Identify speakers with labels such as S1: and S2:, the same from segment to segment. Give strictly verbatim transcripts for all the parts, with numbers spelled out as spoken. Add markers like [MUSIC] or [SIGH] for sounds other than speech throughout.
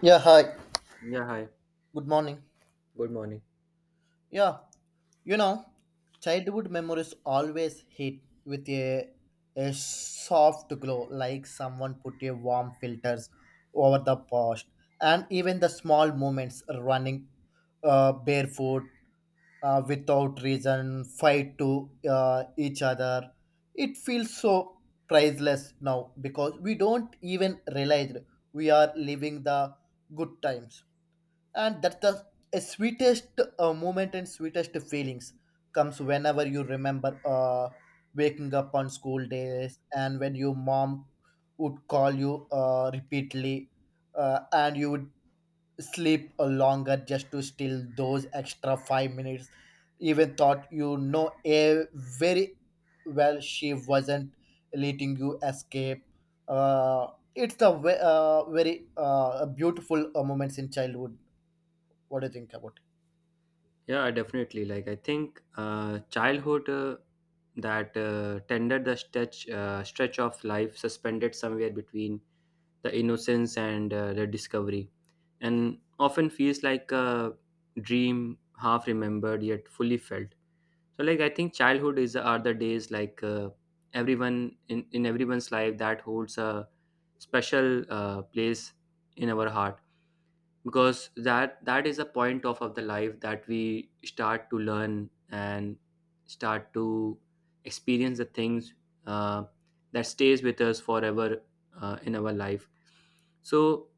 S1: Yeah, hi.
S2: Yeah, hi.
S1: Good morning.
S2: Good morning.
S1: Yeah, you know, childhood memories always hit with a, a soft glow, like someone put a warm filters over the past. And even the small moments running uh, barefoot uh, without reason, fight to uh, each other. It feels so priceless now because we don't even realize we are living the good times. And that's the a sweetest uh, moment, and sweetest feelings comes whenever you remember uh, waking up on school days, and when your mom would call you uh, repeatedly, uh, and you would sleep a longer just to steal those extra five minutes, even thought you know a very well she wasn't letting you escape. uh, it's a ve- uh, very uh, beautiful uh, moments in childhood. What do you think about
S2: Yeah, definitely. Like I think uh, childhood uh, that uh, tended the stretch uh, stretch of life suspended somewhere between the innocence and uh, the discovery, and often feels like a dream half remembered yet fully felt. So like I think childhood is are the days like uh, everyone in in everyone's life that holds a special uh, place in our heart because that that is a point of, of the life that we start to learn and start to experience the things uh, that stays with us forever uh, in our life. So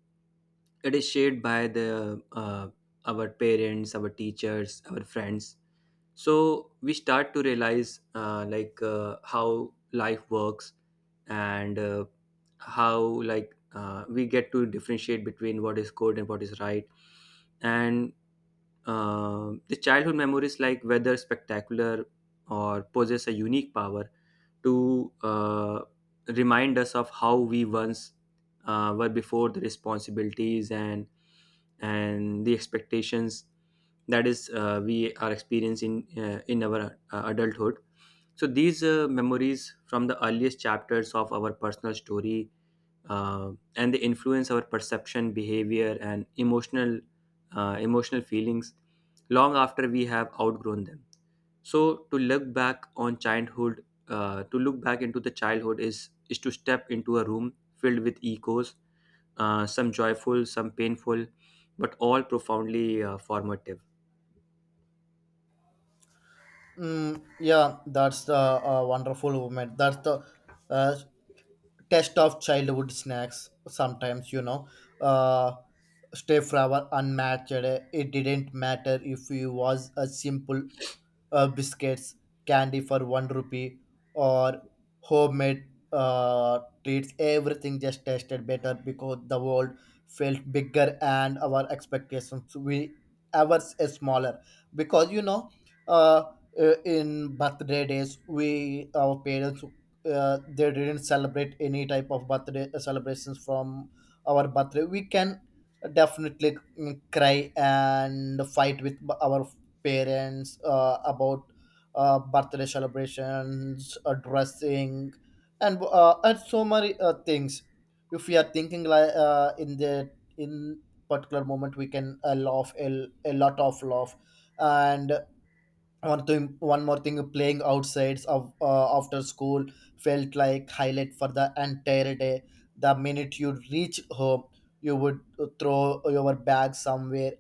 S2: it is shared by the uh, our parents, our teachers, our friends, so we start to realize uh, like uh, how life works, and uh, how like uh, we get to differentiate between what is good and what is right. And um the childhood memories, like whether spectacular or possess a unique power to uh, remind us of how we once uh, were before the responsibilities and and the expectations that is uh, we are experiencing uh, in our uh, adulthood. So these uh, memories from the earliest chapters of our personal story, uh, and they influence our perception, behavior, and emotional uh, emotional feelings long after we have outgrown them. So to look back on childhood, uh, to look back into the childhood is is to step into a room filled with echoes, uh, some joyful, some painful, but all profoundly uh, formative.
S1: it? Mm, yeah, that's the uh, wonderful moment. That's the uh, test of childhood snacks. Sometimes, you know, uh, stay forever unmatched. It didn't matter if you was a simple uh, biscuits, candy for one rupee, or homemade uh, treats. Everything just tasted better because the world felt bigger and our expectations we ever s- smaller. Because you know, uh, uh, in birthday days, we our parents uh, they didn't celebrate any type of birthday uh, celebrations from our birthday. We can definitely mm, cry and fight with b- our parents uh, about uh, birthday celebrations, uh, dressing, and uh, and so many uh, things. If we are thinking like uh, in the in particular moment, we can uh, laugh a, a lot of laugh. And one thing, one more thing, playing outsides of uh, after school felt like highlight for the entire day. The minute you reach home, you would throw your bag somewhere,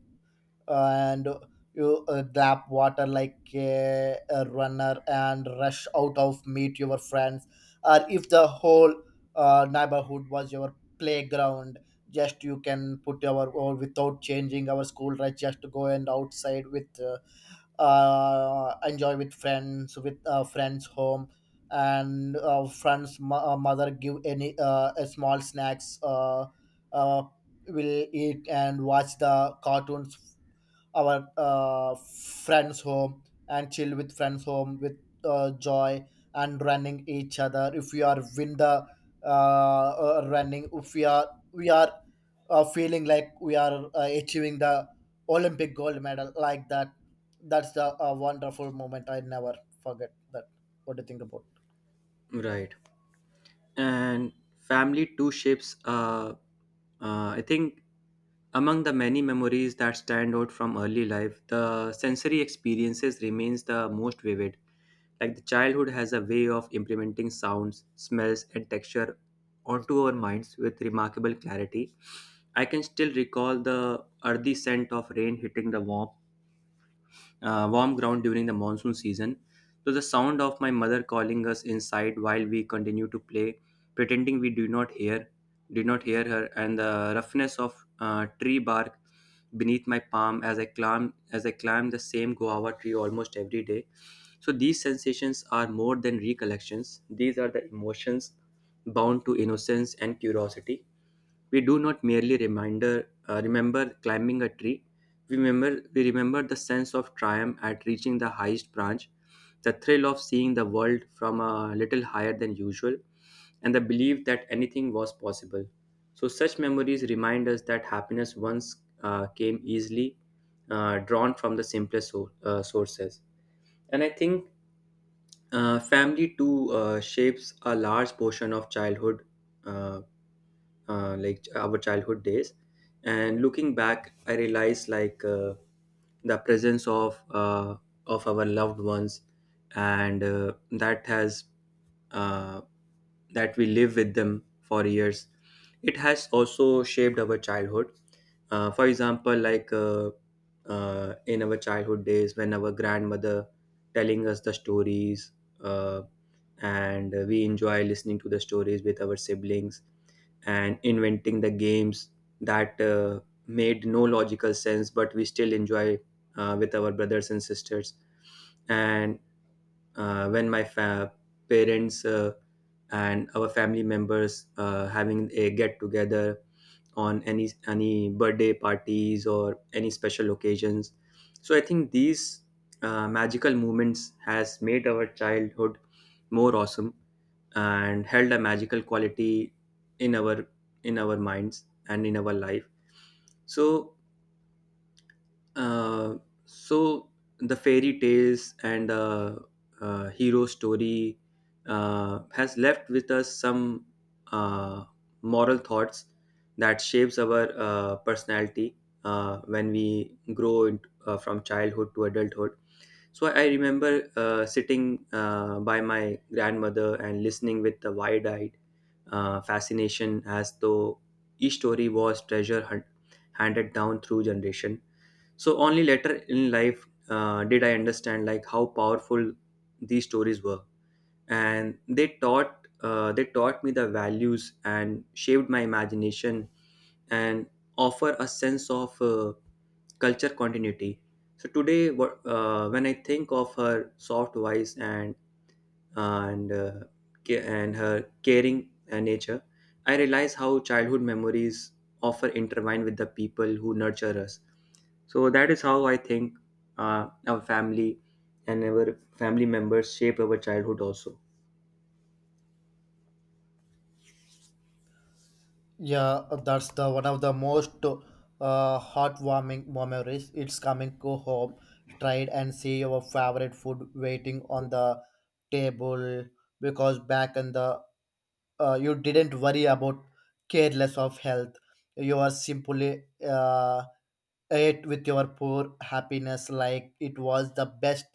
S1: and you uh, grab water like a, a runner and rush out of meet your friends, or if the whole uh, neighborhood was your playground, just you can put our or without changing our school right, just to go and outside with uh, uh, enjoy with friends, with uh, friends home, and uh, friends mo- uh, mother give any uh, a small snacks, uh, uh, will eat and watch the cartoons, our uh, friends home, and chill with friends home with uh, joy, and running each other if we are win the uh, uh, running, if we are we are uh, feeling like we are uh, achieving the Olympic gold medal like that. That's the uh, wonderful moment. I never forget that. What do you think about?
S2: Right. And family too shapes uh, uh, I think among the many memories that stand out from early life, the sensory experiences remains the most vivid. Like the childhood has a way of implementing sounds, smells and texture onto our minds with remarkable clarity. I can still recall the earthy scent of rain hitting the warm uh, warm ground during the monsoon season. So the sound of my mother calling us inside while we continue to play, pretending we do not hear, did not hear her, and the roughness of uh, tree bark beneath my palm as I climb as I climb the same guava tree almost every day. So these sensations are more than recollections. These are the emotions bound to innocence and curiosity. We do not merely reminder uh, remember climbing a tree. We remember, we remember the sense of triumph at reaching the highest branch, the thrill of seeing the world from a little higher than usual, and the belief that anything was possible. So, such memories remind us that happiness once uh, came easily, uh, drawn from the simplest so- uh, sources. And I think uh, family too uh, shapes a large portion of childhood, uh, uh, like our childhood days. And looking back, I realized like uh, the presence of uh, of our loved ones, and uh, that has uh, that we live with them for years. It has also shaped our childhood. Uh, for example, like uh, uh, in our childhood days, when our grandmother telling us the stories, uh, and we enjoy listening to the stories with our siblings and inventing the games that uh, made no logical sense but we still enjoy uh, with our brothers and sisters. And uh, when my fa- parents uh, and our family members uh, having a get together on any any birthday parties or any special occasions. So I think these uh, magical moments has made our childhood more awesome and held a magical quality in our in our minds and in our life. So uh, so the fairy tales and uh, uh, hero story uh, has left with us some uh, moral thoughts that shapes our uh, personality uh, when we grow in, uh, from childhood to adulthood. So I remember uh, sitting uh, by my grandmother and listening with the wide-eyed uh, fascination as though each story was treasure hunt handed down through generation. So only later in life uh, did I understand like how powerful these stories were, and they taught uh, they taught me the values and shaped my imagination and offer a sense of uh, culture continuity. So today, what- uh, when I think of her soft voice and and uh, ca- and her caring uh, nature, I realize how childhood memories often intertwine with the people who nurture us. So that is how I think uh, our family and our family members shape our childhood also.
S1: Yeah, that's the one of the most uh, heartwarming memories. It's coming go home, tried and see your favorite food waiting on the table, because back in the uh, you didn't worry about careless of health. You are simply uh, it with your poor happiness like it was the best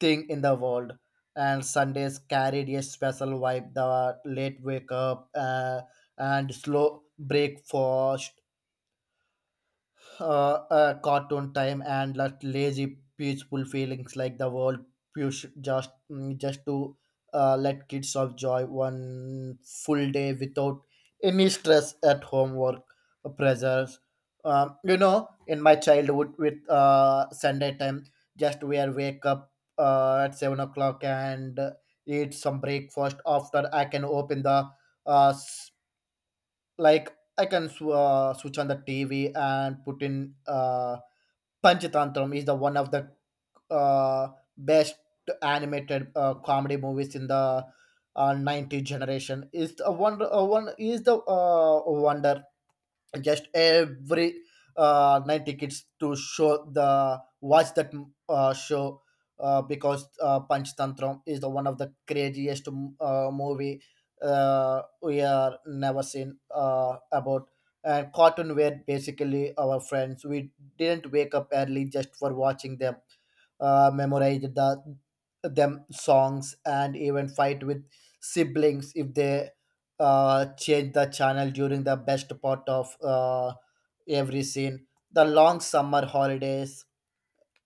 S1: thing in the world. And Sundays carried a special vibe, the late wake up uh, and slow breakfast, uh, uh, cartoon time, and like lazy peaceful feelings like the world push just mm, just to uh, let kids enjoy one full day without any stress at homework pressures. Um, you know in my childhood with uh, Sunday time, just we are wake up uh, at seven o'clock and eat some breakfast. After, I can open the uh, like I can sw- uh, switch on the TV and put in uh Panchatantram is the one of the uh best animated uh, comedy movies in the uh, ninety generation. Is a one uh, one is the uh, wonder, just every uh, night tickets to show the watch that uh, show, uh, because uh, Punch Tantram is the one of the craziest uh, movie uh, we are never seen uh, about. And cartoon were basically our friends. We didn't wake up early just for watching them, uh, memorize the them songs, and even fight with siblings if they uh, change the channel during the best part of uh, every scene. The long summer holidays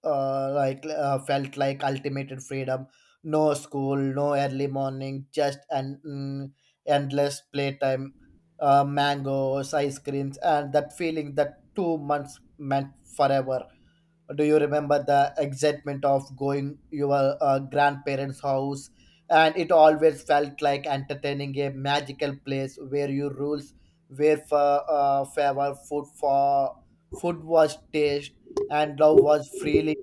S1: uh, like uh, felt like ultimate freedom. No school, no early morning, just an mm, endless playtime. Uh, mangoes, ice creams, and that feeling that two months meant forever. Do you remember the excitement of going your uh, grandparents house, and it always felt like entertaining a magical place where your rules were for uh, favor food for food was taste, and love was freely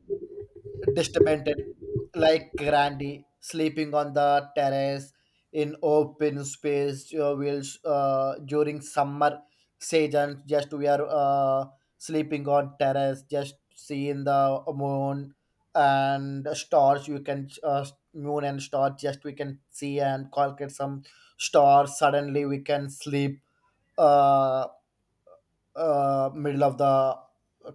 S1: distorted, like Grandy sleeping on the terrace in open space uh, wheels uh, during summer season. Just we are uh, sleeping on terrace, just seeing the moon and stars. You can uh, moon and stars. Just we can see and calculate some stars. Suddenly we can sleep. Uh, uh, Middle of the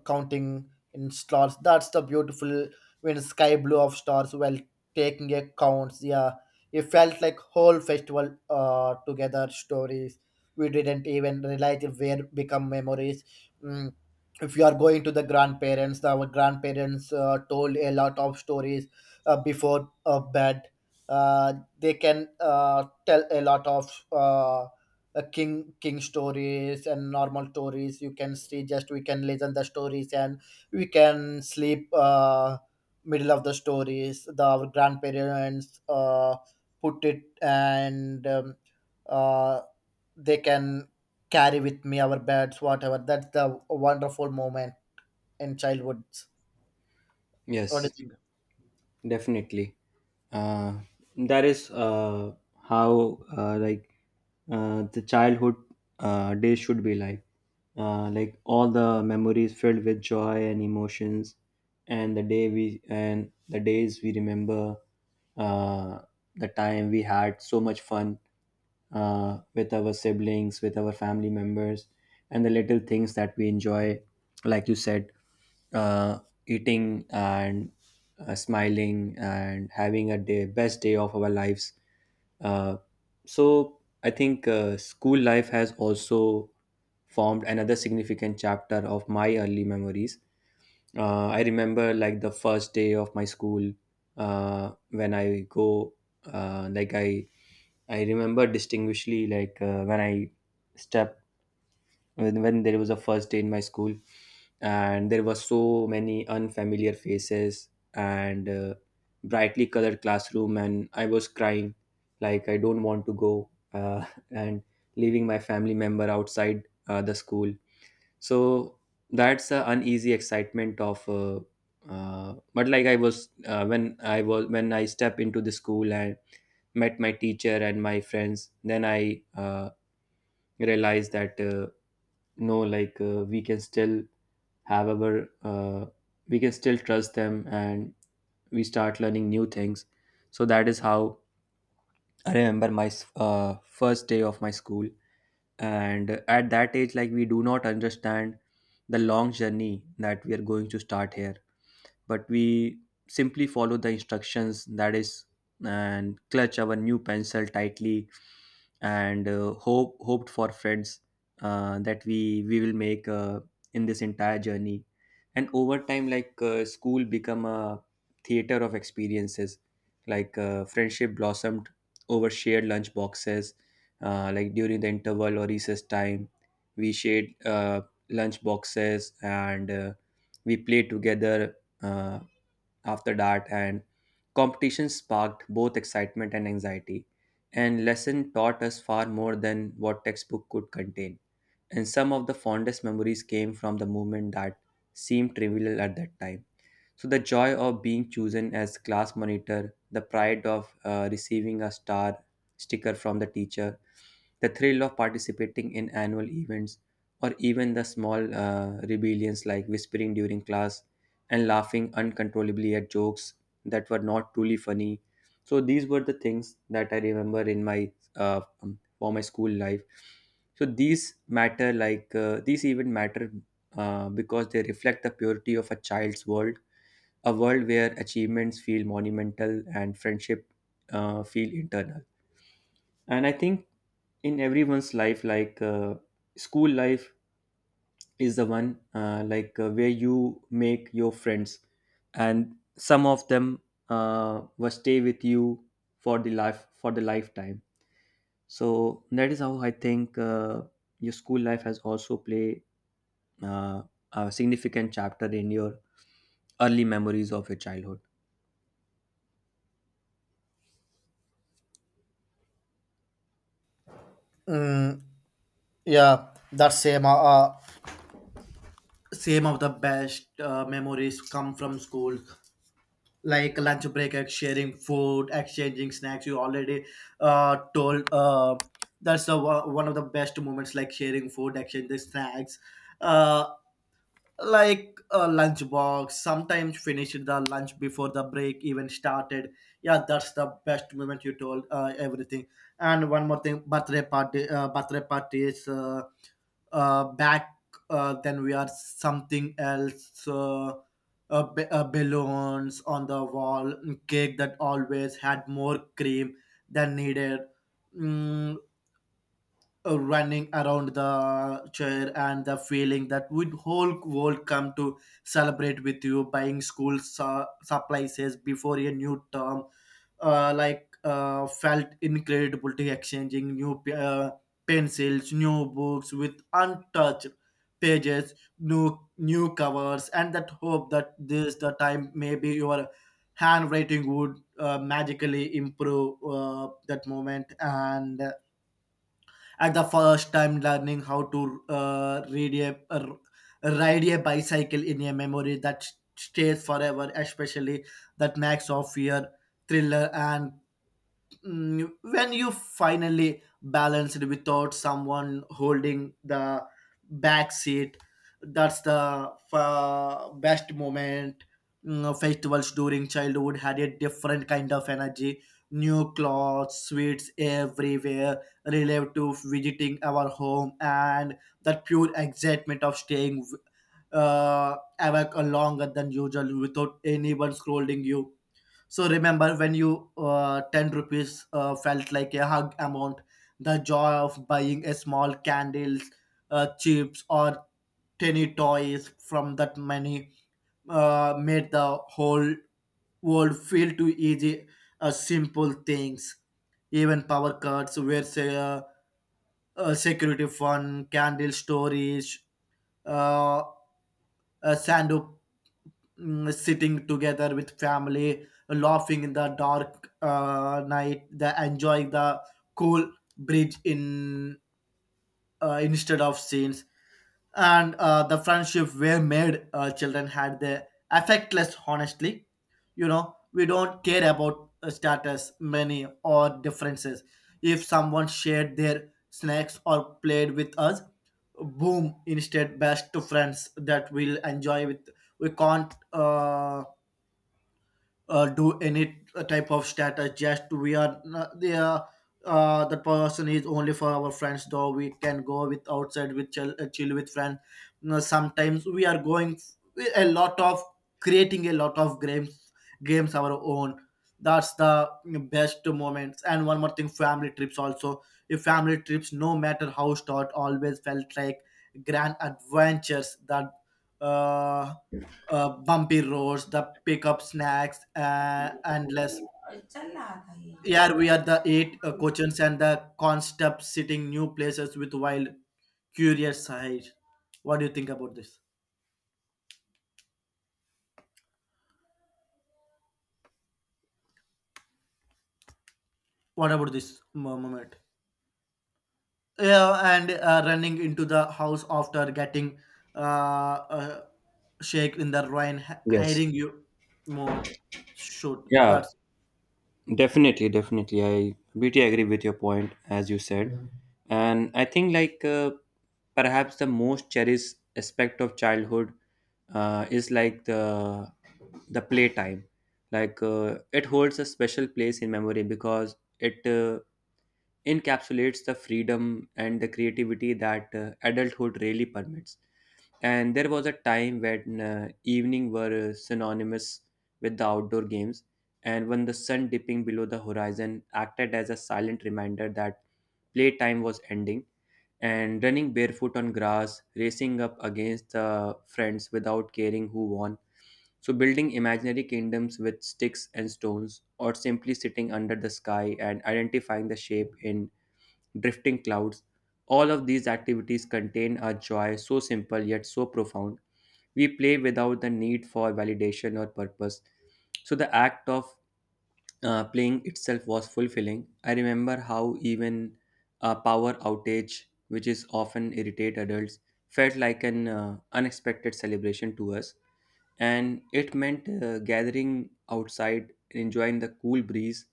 S1: counting in stars. That's the beautiful when sky blue of stars while taking a counts. Yeah, it felt like whole festival uh, together stories. We didn't even realize it where become memories. Mm. If you are going to the grandparents, our grandparents uh, told a lot of stories uh, before uh, bed. Uh, they can uh, tell a lot of uh, uh, king king stories and normal stories, you can see, just we can listen the stories and we can sleep uh, middle of the stories, the our grandparents uh, put it, and um, uh, they can carry with me our beds, whatever. That's the wonderful moment in childhood. What do
S2: Yes,
S1: you think?
S2: definitely. Uh, that is uh, how uh, like uh, the childhood uh, day should be like. uh, like all the memories filled with joy and emotions, and the day we and the days we remember uh, the time we had so much fun uh, with our siblings, with our family members, and the little things that we enjoy, like you said, uh, eating and uh, smiling and having a day best day of our lives uh. So I think uh, school life has also formed another significant chapter of my early memories. Uh, I remember like the first day of my school, uh, when I go uh, like I I remember distinguishly like uh, when I step when, when there was a first day in my school and there were so many unfamiliar faces and uh, brightly colored classroom, and I was crying like I don't want to go, uh, [LAUGHS] and leaving my family member outside uh, the school. So that's the uneasy excitement of uh, uh, but like I was uh, when i was when I step into the school and met my teacher and my friends, then I uh, realized that uh, no like uh, we can still have our uh, we can still trust them and we start learning new things. So that is how I remember my s- uh, first day of my school. And at that age, like we do not understand the long journey that we are going to start here, but we simply follow the instructions that is, and clutch our new pencil tightly and uh, hope hoped for friends uh, that we we will make uh, in this entire journey. And over time, like uh, school become a theater of experiences. Like uh, friendship blossomed over shared lunch boxes, uh, like during the interval or recess time, we shared uh, lunch boxes, and uh, we played together uh, after that. And competition sparked both excitement and anxiety, and lesson taught us far more than what textbook could contain. And some of the fondest memories came from the moment that seemed trivial at that time. So the joy of being chosen as class monitor, the pride of uh, receiving a star sticker from the teacher, the thrill of participating in annual events, or even the small uh, rebellions like whispering during class and laughing uncontrollably at jokes that were not truly funny. So these were the things that I remember in my uh, um, for my school life. So these matter, like uh, these even matter uh, because they reflect the purity of a child's world, a world where achievements feel monumental and friendship uh, feel internal. And I think in everyone's life, like uh, school life is the one uh, like uh, where you make your friends, and some of them uh, will stay with you for the life for the lifetime. So that is how I think uh, your school life has also play uh, a significant chapter in your early memories of your childhood.
S1: Mm, yeah, that same uh, uh, same of the best uh, memories come from school. Like lunch break, ex- sharing food, exchanging snacks. You already uh, told uh, that's the one one of the best moments, like sharing food, exchanging snacks. Uh, like a lunchbox sometimes finished the lunch before the break even started. Yeah, that's the best moment. You told uh, everything. And one more thing, birthday party. Uh, birthday parties. Is uh, uh, back uh, then we are something else. Uh, uh, ba- uh, balloons on the wall, cake that always had more cream than needed. Mm, uh, running around the chair, and the feeling that would whole world come to celebrate with you, buying school su- supplies before a new term. Uh, like uh, felt incredible to exchanging new p- uh, pencils, new books with untouched pages, new new covers, and that hope that this the time, maybe your handwriting would uh, magically improve, uh, that moment, and at the first time learning how to uh, read a, r- ride a bicycle in a memory that stays forever, especially that mix of fear, thriller, and mm, when you finally balance it without someone holding the back seat. That's the uh, best moment. Mm, festivals during childhood had a different kind of energy, new clothes, sweets everywhere, relative to visiting our home, and that pure excitement of staying uh, awake longer than usual without anyone scolding you. So remember when you uh, ten rupees uh, felt like a hug amount, the joy of buying a small candles, uh, chips or tiny toys from that money uh, made the whole world feel too easy, uh, simple things. Even power cuts where say, uh, uh, security fund, candle stories storage, uh, sando, mm, sitting together with family, laughing in the dark uh, night, the enjoying the cool bridge in, uh, instead of scenes. And uh, the friendship were made, uh, children had the affectless honestly. You know we don't care about uh, status, money, or differences. If someone shared their snacks or played with us, boom, instead best to friends that we'll enjoy with. We can't uh, uh, do any uh, type of status. Just we are not- they are uh, that person is only for our friends, though we can go with outside with chill, uh, chill with friends. You know, sometimes we are going f- a lot of creating a lot of games games our own. That's the best moments. And one more thing, family trips also. If family trips, no matter how short, always felt like grand adventures that uh uh, bumpy roads, the pickup snacks, uh, endless. Yeah, we are the eight uh, coaches and the concept sitting new places with wild, curious eyes. What do you think about this? What about this mo- moment? Yeah, and uh, running into the house after getting uh, uh, shake in the rain, hi-
S2: Yes.
S1: hiring you more. Shoot,
S2: Yeah,
S1: that's.
S2: definitely, definitely. I completely agree with your point, as you said. Mhm. And I think, like, uh, perhaps the most cherished aspect of childhood uh, is like the the playtime. Like, uh, it holds a special place in memory because it uh, encapsulates the freedom and the creativity that uh, adulthood really permits. And there was a time when uh, evening were uh, synonymous with the outdoor games, and when the sun dipping below the horizon acted as a silent reminder that playtime was ending, and running barefoot on grass, racing up against uh, friends without caring who won, so building imaginary kingdoms with sticks and stones, or simply sitting under the sky and identifying the shape in drifting clouds. All of these activities contain a joy so simple yet so profound. We play without the need for validation or purpose. So the act of uh, playing itself was fulfilling. I remember how even a power outage, which is often irritate adults, felt like an uh, unexpected celebration to us, and it meant uh, gathering outside, enjoying the cool breeze,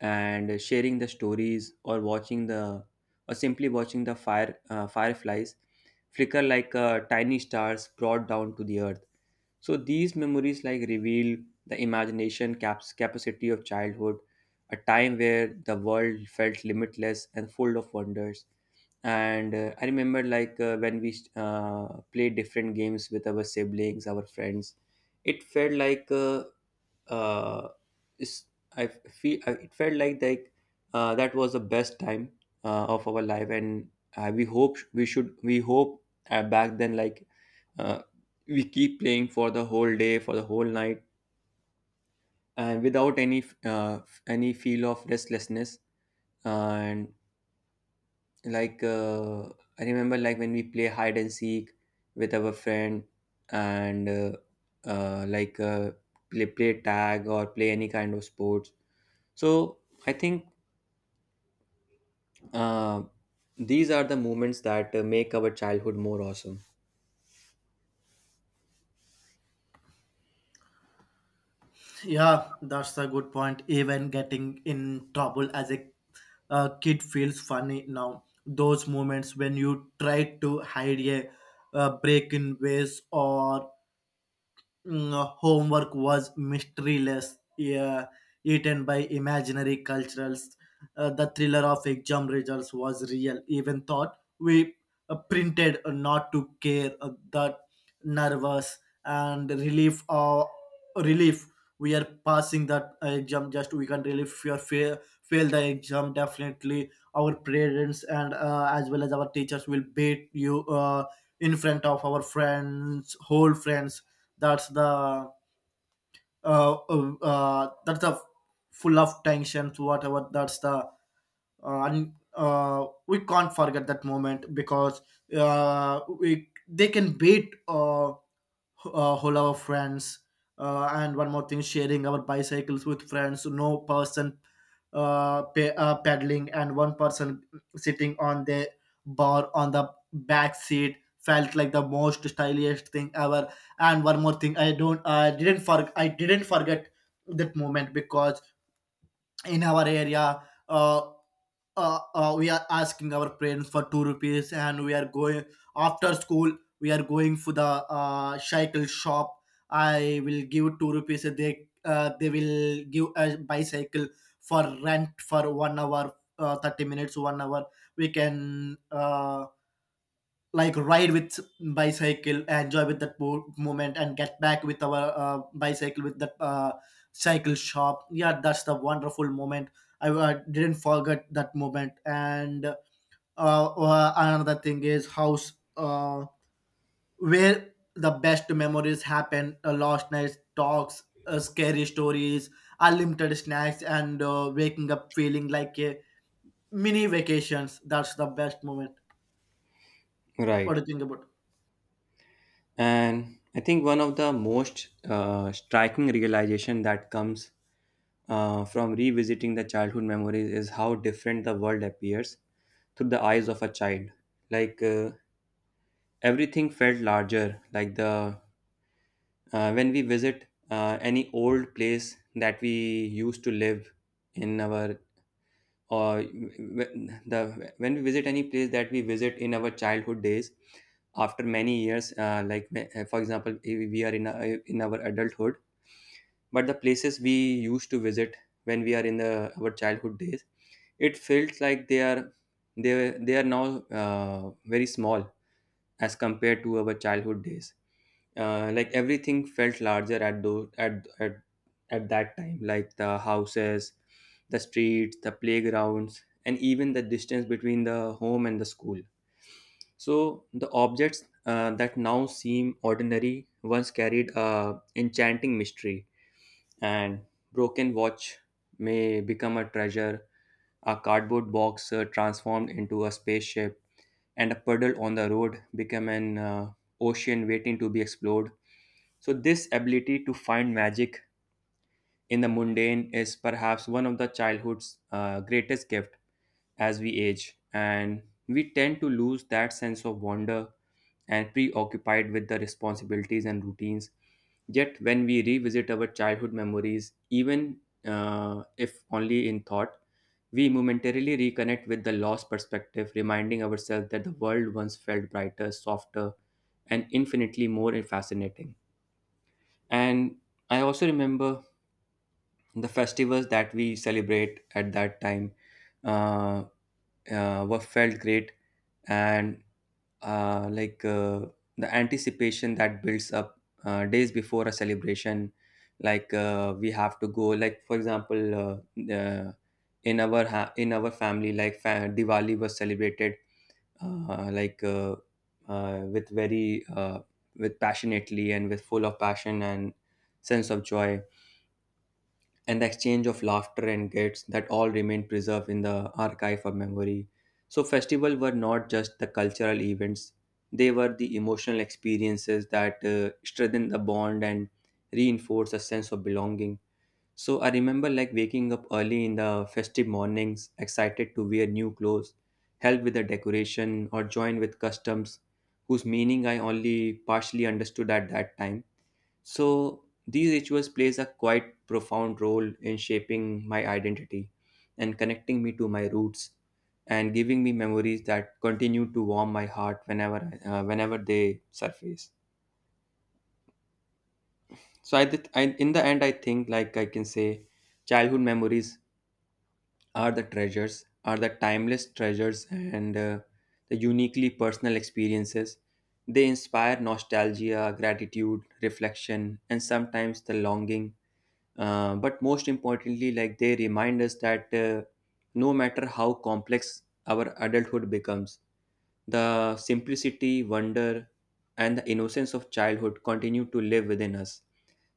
S2: and sharing the stories or watching the or simply watching the fire uh, fireflies flicker like uh, tiny stars brought down to the earth. So these memories like reveal the imagination caps capacity of childhood, a time where the world felt limitless and full of wonders. And uh, I remember like uh, when we uh, played different games with our siblings, our friends. It felt like uh, uh, is- I feel I- it felt like like uh, that was the best time uh, of our life, and uh, we hope we should we hope uh, back then like uh, we keep playing for the whole day for the whole night and without any uh, any feel of restlessness. And like uh, I remember like when we play hide and seek with our friend and uh, uh, like uh, play, play tag or play any kind of sports. So I think uh, these are the moments that uh, make our childhood more awesome.
S1: Yeah, that's a good point. Even getting in trouble as a uh, kid feels funny now. Those moments when you try to hide a uh, break in ways, or mm, homework was mysteryless. Yeah, eaten by imaginary culturals. Uh, the thriller of exam results was real, even thought we uh, printed not to care uh, that nervous and relief or relief. We are passing that uh, exam. Just we can relieve your fail, fail the exam. Definitely, our parents and uh, as well as our teachers will beat you uh, in front of our friends, whole friends. That's the uh, uh, uh, that's the full of tensions, whatever. That's the uh, and uh, we can't forget that moment. Because uh, we they can beat uh, uh, whole our friends, uh, and one more thing, sharing our bicycles with friends, no person uh, pe- uh, pedaling and one person sitting on the bar on the back seat felt like the most stylish thing ever. And one more thing, i don't i didn't for i didn't forget that moment. Because in our area, uh, uh, uh, we are asking our friends for two rupees, and we are going after school. We are going for the uh, cycle shop. I will give two rupees, they uh, they will give a bicycle for rent for one hour, uh, thirty minutes, one hour we can uh, like ride with bicycle, enjoy with that mo- moment, and get back with our uh, bicycle with that uh, cycle shop. Yeah, that's the wonderful moment. I uh, didn't forget that moment. And uh, uh, another thing is house, uh, where the best memories happen, uh, last night's talks, uh, scary stories, unlimited snacks, and uh, waking up feeling like a mini vacations. That's the best moment. What do
S2: Right.
S1: you think about?
S2: And I think one of the most uh, striking realization that comes uh, from revisiting the childhood memories is how different the world appears through the eyes of a child. Like uh, everything felt larger. Like the uh, when we visit uh, any old place that we used to live in our, or when- the when we visit any place that we visit in our childhood days after many years, uh, like uh, for example, if we are in a, in our adulthood, but the places we used to visit when we are in the, our childhood days, it felt like they are they they are now uh, very small as compared to our childhood days. uh, like everything felt larger at those at, at at that time, like the houses, the streets, the playgrounds, and even the distance between the home and the school. So the objects uh, that now seem ordinary once carried a enchanting mystery, and broken watch may become a treasure, a cardboard box uh, transformed into a spaceship, and a puddle on the road become an uh, ocean waiting to be explored. So this ability to find magic in the mundane is perhaps one of the childhood's uh, greatest gift. As we age, and we tend to lose that sense of wonder and preoccupied with the responsibilities and routines. Yet, when we revisit our childhood memories, even uh, if only in thought, we momentarily reconnect with the lost perspective, reminding ourselves that the world once felt brighter, softer, and infinitely more fascinating. And I also remember the festivals that we celebrate at that time uh, uh, were felt great, and uh, like uh, the anticipation that builds up uh, days before a celebration. like uh, we have to go, like for example, uh, uh, in our ha- in our family, like fa- diwali was celebrated, uh, like uh, uh, with very uh, with passionately and with full of passion and sense of joy, and the exchange of laughter and gifts that all remain preserved in the archive of memory. So festivals were not just the cultural events, they were the emotional experiences that uh, strengthened the bond and reinforced a sense of belonging. So I remember like waking up early in the festive mornings, excited to wear new clothes, help with the decoration, or join with customs whose meaning I only partially understood at that time. So these rituals plays a quite profound role in shaping my identity and connecting me to my roots and giving me memories that continue to warm my heart whenever uh, whenever they surface. So I, did, I in the end, I think like I can say childhood memories are the treasures are the timeless treasures and uh, the uniquely personal experiences. They inspire nostalgia, gratitude, reflection, and sometimes the longing. Uh, but most importantly, like they remind us that, uh, no matter how complex our adulthood becomes, the simplicity, wonder, and the innocence of childhood continue to live within us.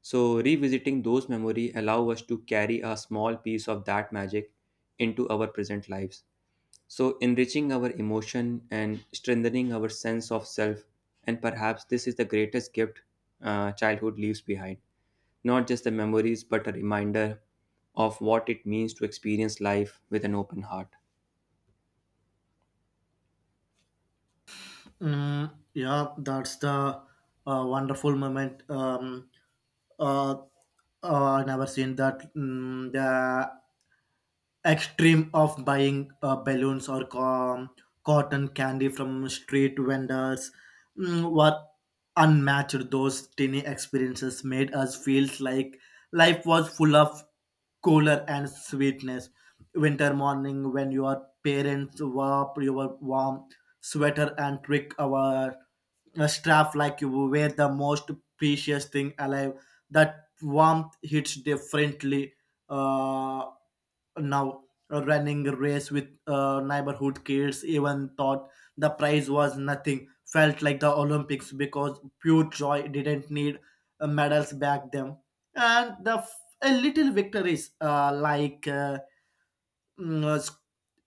S2: So revisiting those memories allow us to carry a small piece of that magic into our present lives, so enriching our emotion and strengthening our sense of self. And perhaps this is the greatest gift uh, childhood leaves behind, not just the memories, but a reminder of what it means to experience life with an open heart.
S1: Mm, yeah, that's the uh, wonderful moment. Um, uh, uh, I never seen that. Mm, the extreme of buying uh, balloons or co- cotton candy from street vendors mm, were unmatched. Those tiny experiences made us feel like life was full of color and sweetness. Winter morning when your parents wrap your warm sweater and trick our uh, strap like you were the most precious thing alive. That warmth hits differently uh, now. Running a race with uh, neighborhood kids, even thought the prize was nothing, felt like the Olympics, because pure joy didn't need uh, medals back then. And the f- a little victories, uh, like uh, mm, uh, sc-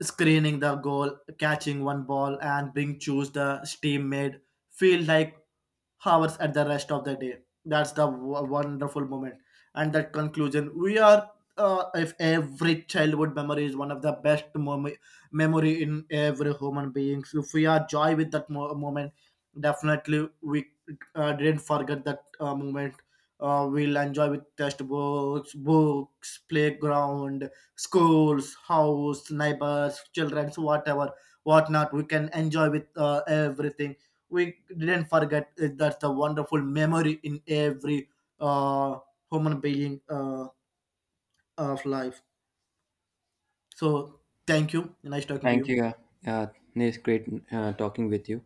S1: screening the goal, catching one ball, and being choose the team made feel like hours at the rest of the day. That's the w- wonderful moment. And that conclusion, we are. Uh, if every childhood memory is one of the best mom- memory in every human being, so if we are joy with that mo- moment, definitely we uh, didn't forget that uh, moment. Uh, we'll enjoy with textbooks, books, playground, schools, house, neighbors, childrens, whatever, whatnot. We can enjoy with uh, everything. We didn't forget uh, that's the wonderful memory in every uh, human being uh, of life. So thank you. Nice talking to
S2: Thank
S1: you.
S2: you. Yeah, yeah, it's great uh, talking with you.